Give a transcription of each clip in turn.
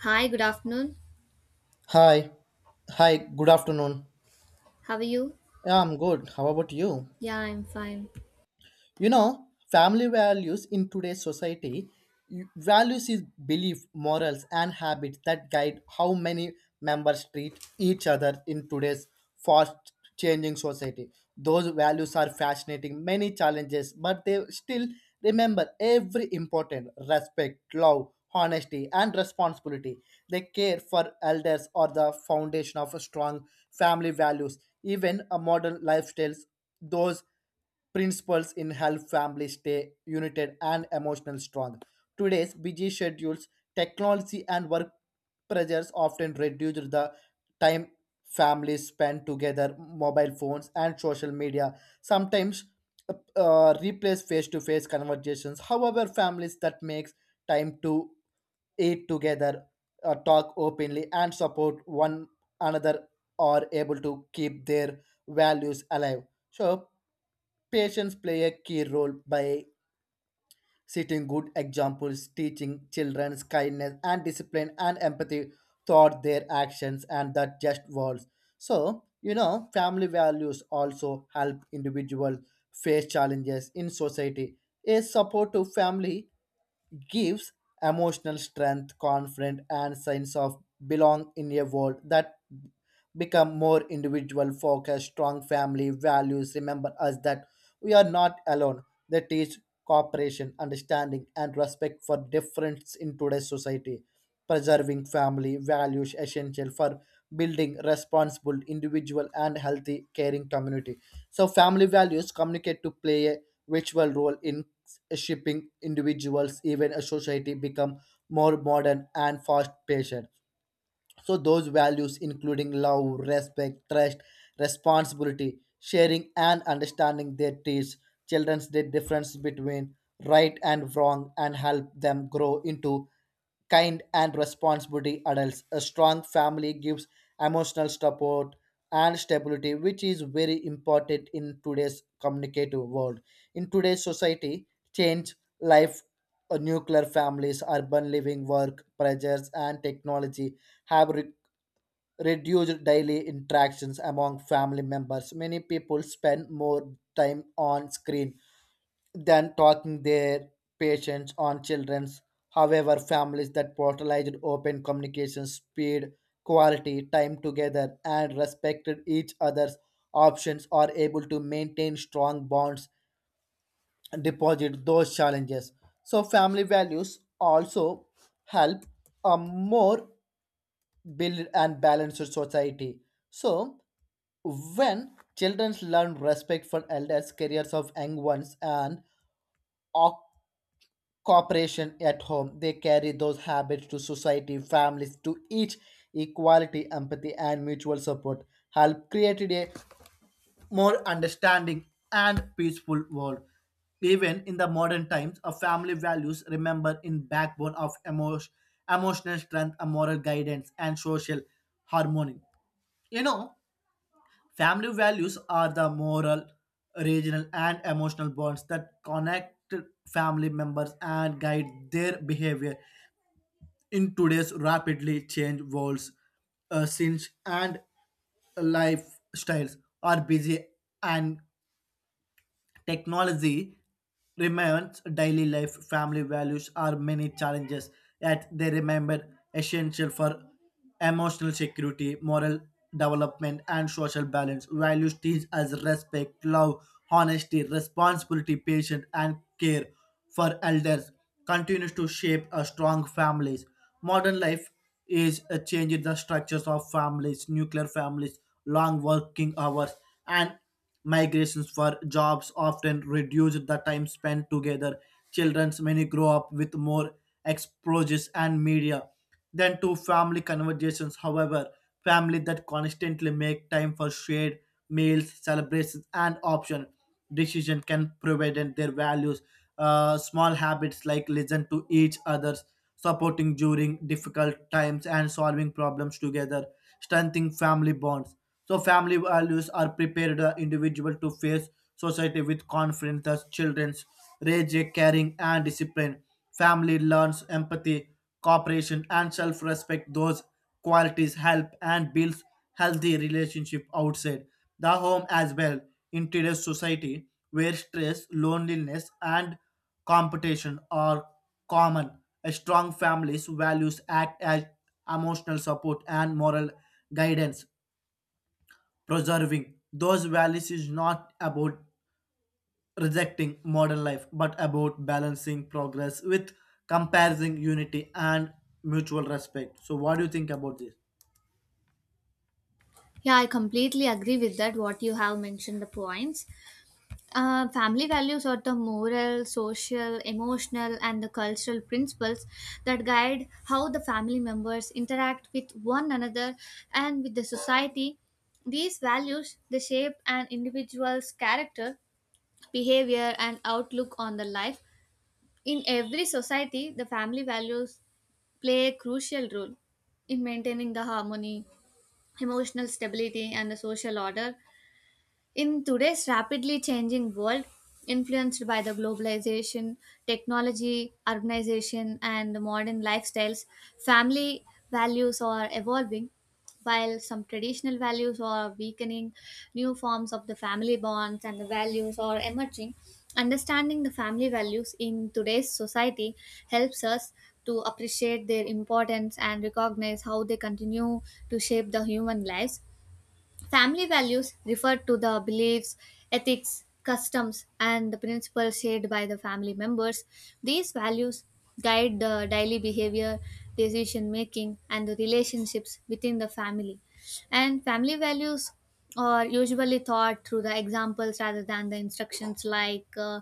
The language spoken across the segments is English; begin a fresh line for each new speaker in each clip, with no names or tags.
Hi, good afternoon.
Hi. Hi, good afternoon.
How are you?
Yeah, I'm good. How about you?
Yeah, I'm fine.
You know, family values in today's society, values is belief, morals, and habits that guide how many members treat each other in today's fast changing society. Those values are fascinating, many challenges, but they still remember every important respect, love, honesty, and responsibility. They care for elders or the foundation of a strong family values. Even a modern lifestyles, those principles in help families stay united and emotional strong. Today's busy schedules, technology, and work pressures often reduce the time families spend together. Mobile phones and social media sometimes replace face-to-face conversations. However, families that makes time to eat together, talk openly, and support one another are able to keep their values alive. So patients play a key role by setting good examples, teaching children kindness and discipline and empathy throughout their actions and that just words. So, you know, family values also help individuals face challenges in society. A supportive family gives emotional strength, confidence, and sense of belong in a world that become more individual focused, strong family values. Remember us that we are not alone. They teach cooperation, understanding, and respect for difference in today's society. Preserving family values essential for building responsible individual and healthy caring community so family values communicate to play a virtual role in shaping individuals even a society become more modern and fast paced so those values, including love, respect, trust, responsibility, sharing, and understanding, they teach children the difference between right and wrong and help them grow into kind and responsibility adults. A strong family gives emotional support and stability, which is very important in today's communicative world. In today's society, change life, nuclear families, urban living, work pressures, and technology have reduced daily interactions among family members. Many people spend more time on screen than talking their patients on children's. However, families that prioritized open communication, speed, quality, time together, and respected each other's options are able to maintain strong bonds and deposit those challenges. So, family values also help a more build and balance your society. So, when children learn respect for elders, careers of young ones, and o- cooperation at home, they carry those habits to society, families, to each equality, empathy, and mutual support help created a more understanding and peaceful world. Even in the modern times, a family values remember in backbone of emotion, emotional strength, a moral guidance, and social harmony. You know, family values are the moral, regional, and emotional bonds that connect family members and guide their behavior in today's rapidly changed worlds. Since and lifestyles are busy and technology remains daily life, family values are many challenges, yet they remain essential for emotional security, moral development, and social balance. Values teach us respect, love, honesty, responsibility, patience, and care for elders continues to shape a strong families. Modern life is changing the structures of families, nuclear families, long working hours, and migrations for jobs often reduce the time spent together. Children's many grow up with more exposures and media than to family conversations. However, family that constantly make time for shared meals, celebrations, and option decision can prevent their values. Small habits like listen to each other's supporting during difficult times and solving problems together, strengthening family bonds. So family values are prepared the individual to face society with confidence. Thus, children's raise a caring and discipline. Family learns empathy, cooperation, and self-respect. Those qualities help and builds healthy relationship outside the home as well. In today's society, where stress, loneliness, and competition are common, a strong family's values act as emotional support and moral guidance preserving those values is not about rejecting modern life but about balancing progress with comparison unity and mutual respect so what do you think about this?
Yeah, I completely agree with that. What you have mentioned, the points. Family values are the moral, social, emotional, and the cultural principles that guide how the family members interact with one another and with the society. These values they shape an individual's character, behavior, and outlook on the life. In every society, the family values play a crucial role in maintaining the harmony, emotional stability, and the social order in today's rapidly changing world, influenced by the globalization, technology, urbanization, and modern lifestyles, family values are evolving. While some traditional values are weakening, new forms of the family bonds and the values are emerging. Understanding the family values in today's society helps us to appreciate their importance and recognize how they continue to shape the human lives. Family values refer to the beliefs, ethics, customs, and the principles shared by the family members. These values guide the daily behavior, decision making, and the relationships within the family. And family values are usually taught through the examples rather than the instructions, like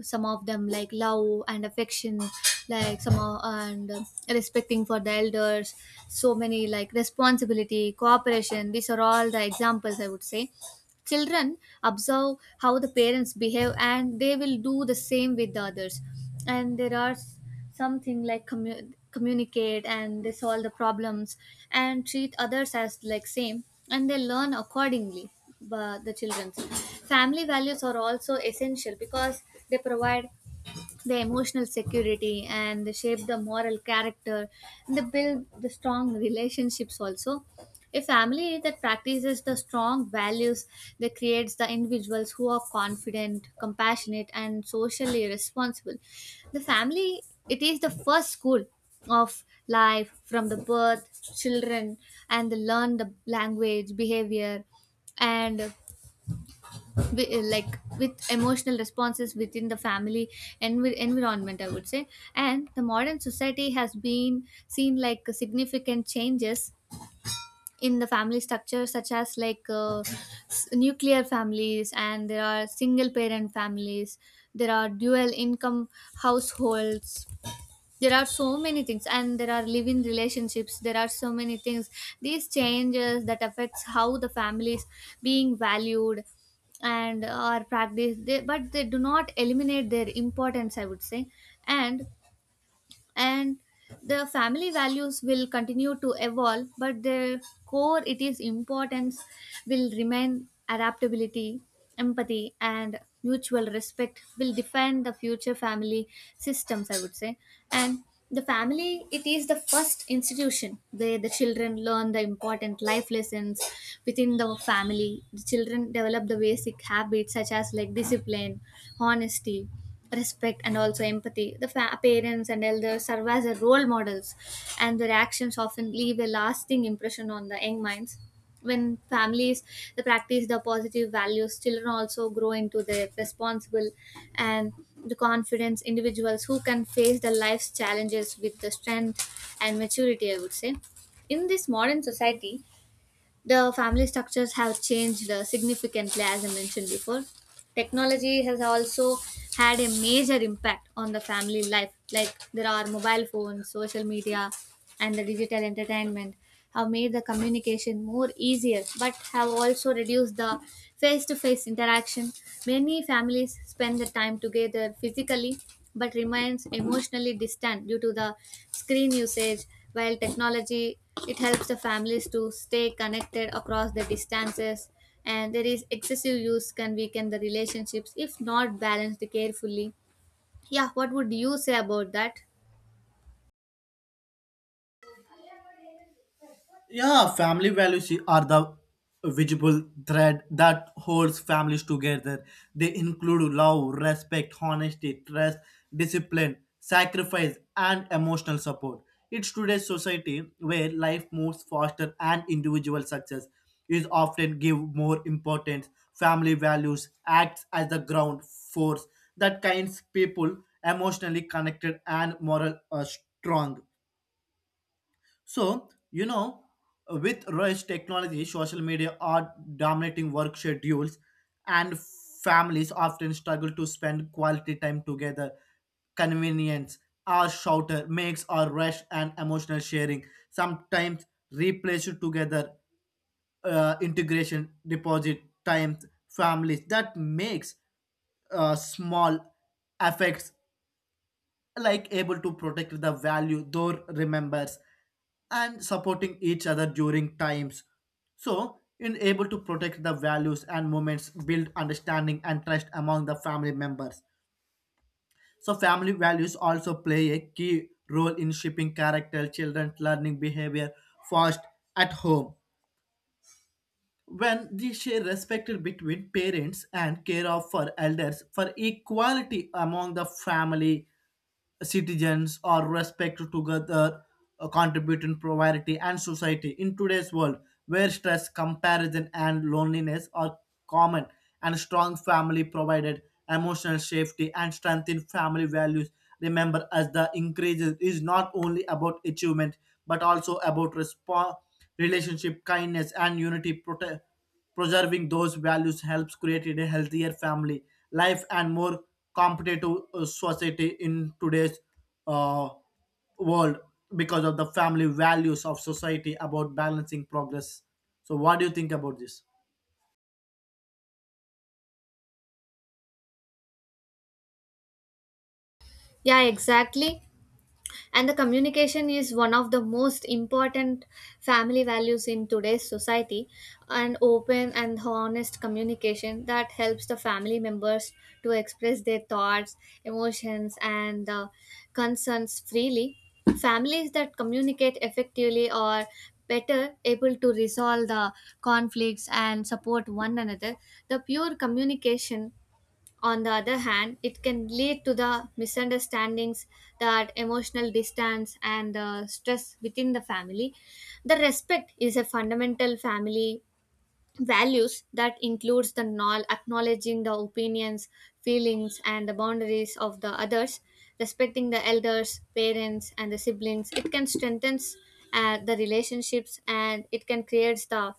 some of them, like love and affection, like some of, and respecting for the elders, so many like responsibility, cooperation. These are all the examples, I would say. Children observe how the parents behave and they will do the same with the others, and there are something like communicate and they solve the problems and treat others as like same, and they learn accordingly. But the children's family values are also essential because they provide the emotional security and they shape the moral character, and they build the strong relationships also. A family that practices the strong values, that creates the individuals who are confident, compassionate, and socially responsible. The family, it is the first school of life. From the birth, children, and they learn the language behavior, and like with emotional responses within the family environment, I would say. And the modern society has been seen like significant changes in the family structure, such as like nuclear families, and there are single parent families, there are dual income households. There are so many things, and there are living relationships, there are so many things. These changes that affects how the families being valued and are practiced they, but they do not eliminate their importance, I would say. And and the family values will continue to evolve, but the core, it is importance will remain. Adaptability, empathy, and mutual respect will define the future family systems, I would say. And the family, it is the first institution where the children learn the important life lessons. Within the family, the children develop the basic habits such as like discipline, honesty, respect, and also empathy. The parents and elders serve as a role models, and their actions often leave a lasting impression on the young minds. When families they practice the positive values, children also grow into the responsible and the confidence individuals who can face the life's challenges with the strength and maturity, I would say. In this modern society, the family structures have changed significantly, as I mentioned before. Technology has also had a major impact on the family life, like there are mobile phones, social media, and the digital entertainment have made the communication more easier but have also reduced the face-to-face interaction. Many families spend the time together physically but remains emotionally distant due to the screen usage. While technology, it helps the families to stay connected across the distances, and there is excessive use can weaken the relationships if not balanced carefully. Yeah, what would you say about that?
Yeah, family values are the visible thread that holds families together. They include love, respect, honesty, trust, discipline, sacrifice, and emotional support. It's today's society where life moves faster and individual success is often given more importance. Family values acts as the ground force that kinds people emotionally connected and moral strong. So, you know, with rush technology, social media are dominating work schedules, and families often struggle to spend quality time together. Convenience, our shouter makes our rush and emotional sharing sometimes replaced together integration deposit times families that makes small affects like able to protect the value Thor remembers and supporting each other during times. So, in able to protect the values and moments, build understanding and trust among the family members. So, family values also play a key role in shaping character, children's learning behavior fast at home. When they share respect between parents and care of for elders for equality among the family citizens or respect together contribute in poverty and society in today's world where stress comparison and loneliness are common and strong family provided emotional safety and strengthen family values remember as the increases is not only about achievement but also about relationship kindness and unity protect preserving those values helps create a healthier family life and more competitive society in today's uh, world because of the family values of society about balancing progress. So, what do you think about this?
Yeah, exactly. And the communication is one of the most important family values in today's society. An open and honest communication that helps the family members to express their thoughts, emotions, and concerns freely. Families that communicate effectively are better able to resolve the conflicts and support one another. The pure communication, on the other hand, it can lead to the misunderstandings, that emotional distance, and the stress within the family. The respect is a fundamental family values that includes the acknowledging the opinions, feelings, and the boundaries of the others. Respecting the elders, parents, and the siblings, it can strengthen the relationships and it can create the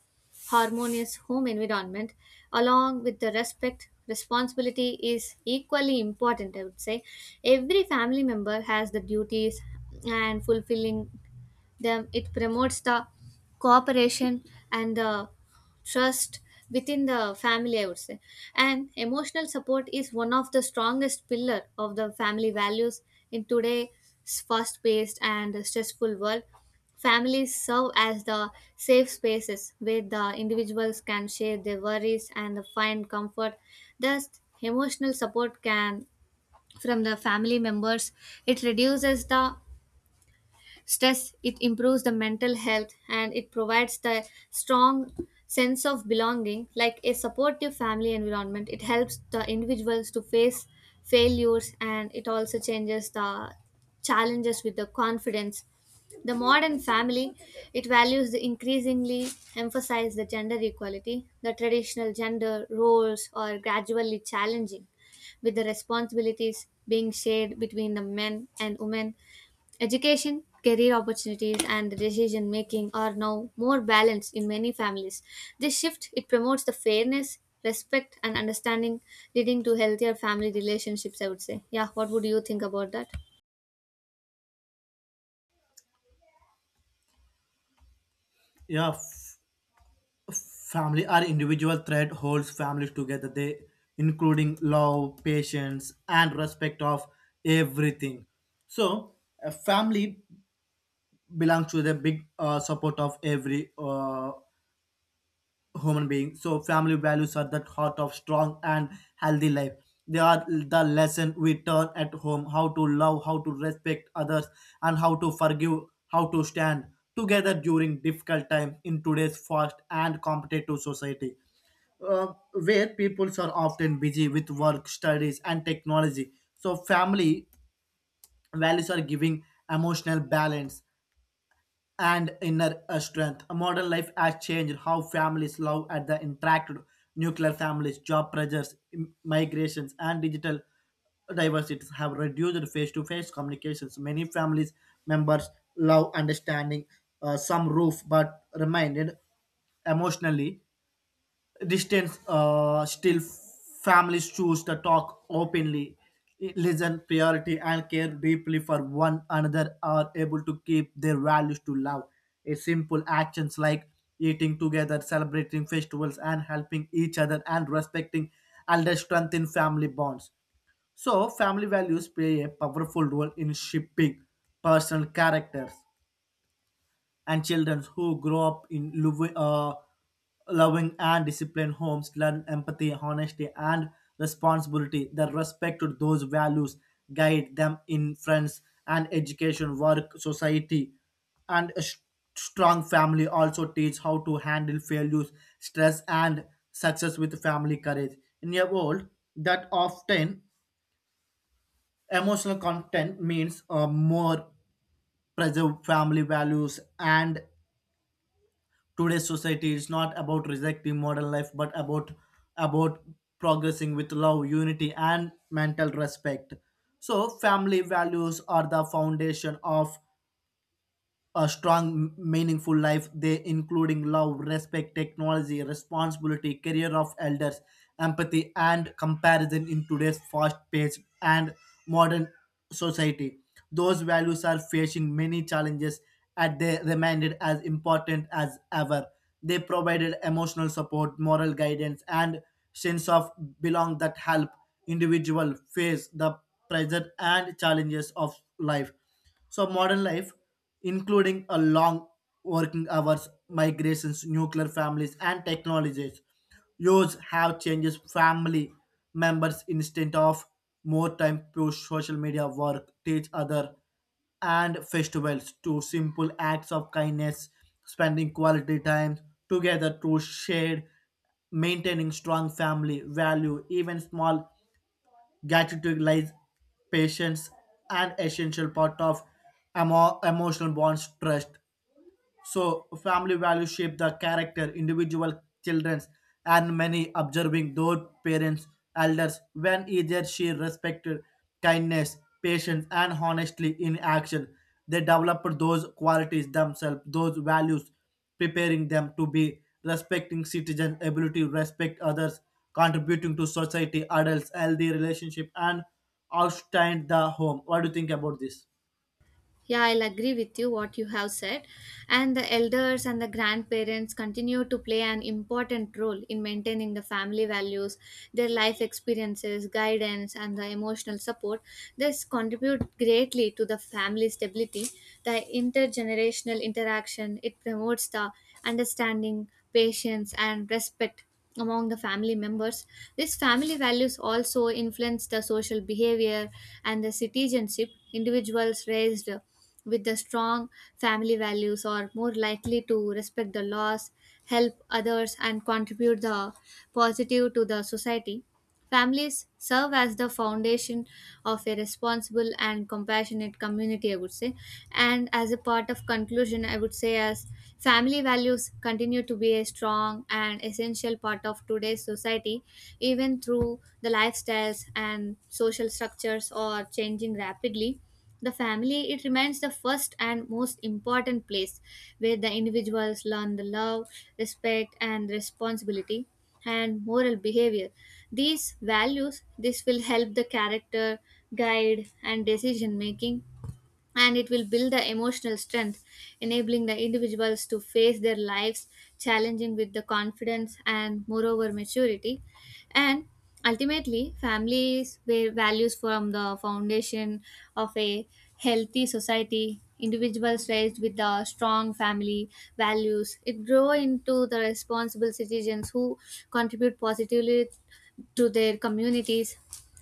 harmonious home environment. Along with the respect, responsibility is equally important, I would say. Every family member has the duties, and fulfilling them, it promotes the cooperation and the trust within the family, I would say. And emotional support is one of the strongest pillar of the family values in today's fast paced and stressful world. Families serve as the safe spaces where the individuals can share their worries and find comfort. Thus, emotional support can from the family members, it reduces the stress, it improves the mental health, and it provides the strong sense of belonging. Like a supportive family environment, it helps the individuals to face failures, and it also changes the challenges with the confidence. The modern family, it values the increasingly emphasize the gender equality. The traditional gender roles are gradually challenging, with the responsibilities being shared between the men and women. Education, career opportunities, and decision making are now more balanced in many families. This shift, it promotes the fairness, respect, and understanding, leading to healthier family relationships, I would say. Yeah. What would you think about that?
Yeah, family or individual thread holds families together. They including love, patience, and respect of everything. So, a family belongs to the big support of every human being. So family values are the heart of strong and healthy life. They are the lesson we turn at home, how to love, how to respect others, and how to forgive, how to stand together during difficult times in today's fast and competitive society uh, where peoples are often busy with work, studies, and technology. So, family values are giving emotional balance and inner strength. A modern life has changed how families love at the interact nuclear families, job pressures, migrations, and digital diversities have reduced face-to-face communications. Many families members love understanding some roof, but remained emotionally distance still families choose to talk openly listen priority and care deeply for one another are able to keep their values to love a simple actions like eating together celebrating festivals and helping each other and respecting elders strengthen family bonds so family values play a powerful role in shaping personal characters and children who grow up in loving and disciplined homes learn empathy, honesty, and responsibility. The respect to those values guide them in friends and education, work, society, and strong family also teach how to handle failures, stress, and success with family courage. In a world that often emotional content means more preserve family values and today's society is not about rejecting modern life, but about progressing with love, unity, and mental respect. So, family values are the foundation of a strong meaningful life they including love respect technology responsibility career of elders empathy and comparison in today's fast paced and modern society those values are facing many challenges and they remained as important as ever they provided emotional support moral guidance and sense of belong that help individual face the pressure and challenges of life so modern life, including a long working hours, migrations, nuclear families, and technologies, use have changes family members instead of more time to social media work, teach other and festivals to simple acts of kindness, spending quality time together to share, maintaining strong family value, even small gratitude lies patience, and essential part of emotional bonds trust. So family values shape the character, individual childrens, and many observing their parents, elders, when either she respected kindness, patience, and honestly in action. They developed those qualities themselves, those values, preparing them to be respecting citizen, ability to respect others, contributing to society, adults, healthy relationship, and outstand the home. What do you think about this?
Yeah, I'll agree with you what you have said. And the elders and the grandparents continue to play an important role in maintaining the family values, their life experiences, guidance, and the emotional support. This contribute greatly to the family stability. The intergenerational interaction, it promotes the understanding, patience, and respect among the family members. These family values also influence the social behavior and the citizenship. Individuals raised with the strong family values are more likely to respect the laws, help others, and contribute the positive to the society. Families serve as the foundation of a responsible and compassionate community, I would say. And as a part of conclusion, I would say, as family values continue to be a strong and essential part of today's society, even through the lifestyles and social structures are changing rapidly. The family, it remains the first and most important place where the individuals learn the love, respect, and responsibility and moral behavior. These values, this will help the character, guide, and decision making, and it will build the emotional strength, enabling the individuals to face their lives challenging with the confidence and moreover maturity. And ultimately, families where values form the foundation of a healthy society. Individuals raised with the strong family values, it grow into the responsible citizens who contribute positively to their communities.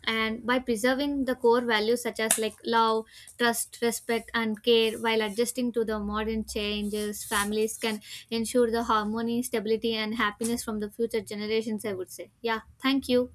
And by preserving the core values such as like love, trust, respect, and care while adjusting to the modern changes, families can ensure the harmony, stability, and happiness from the future generations, I would say. Yeah, thank you.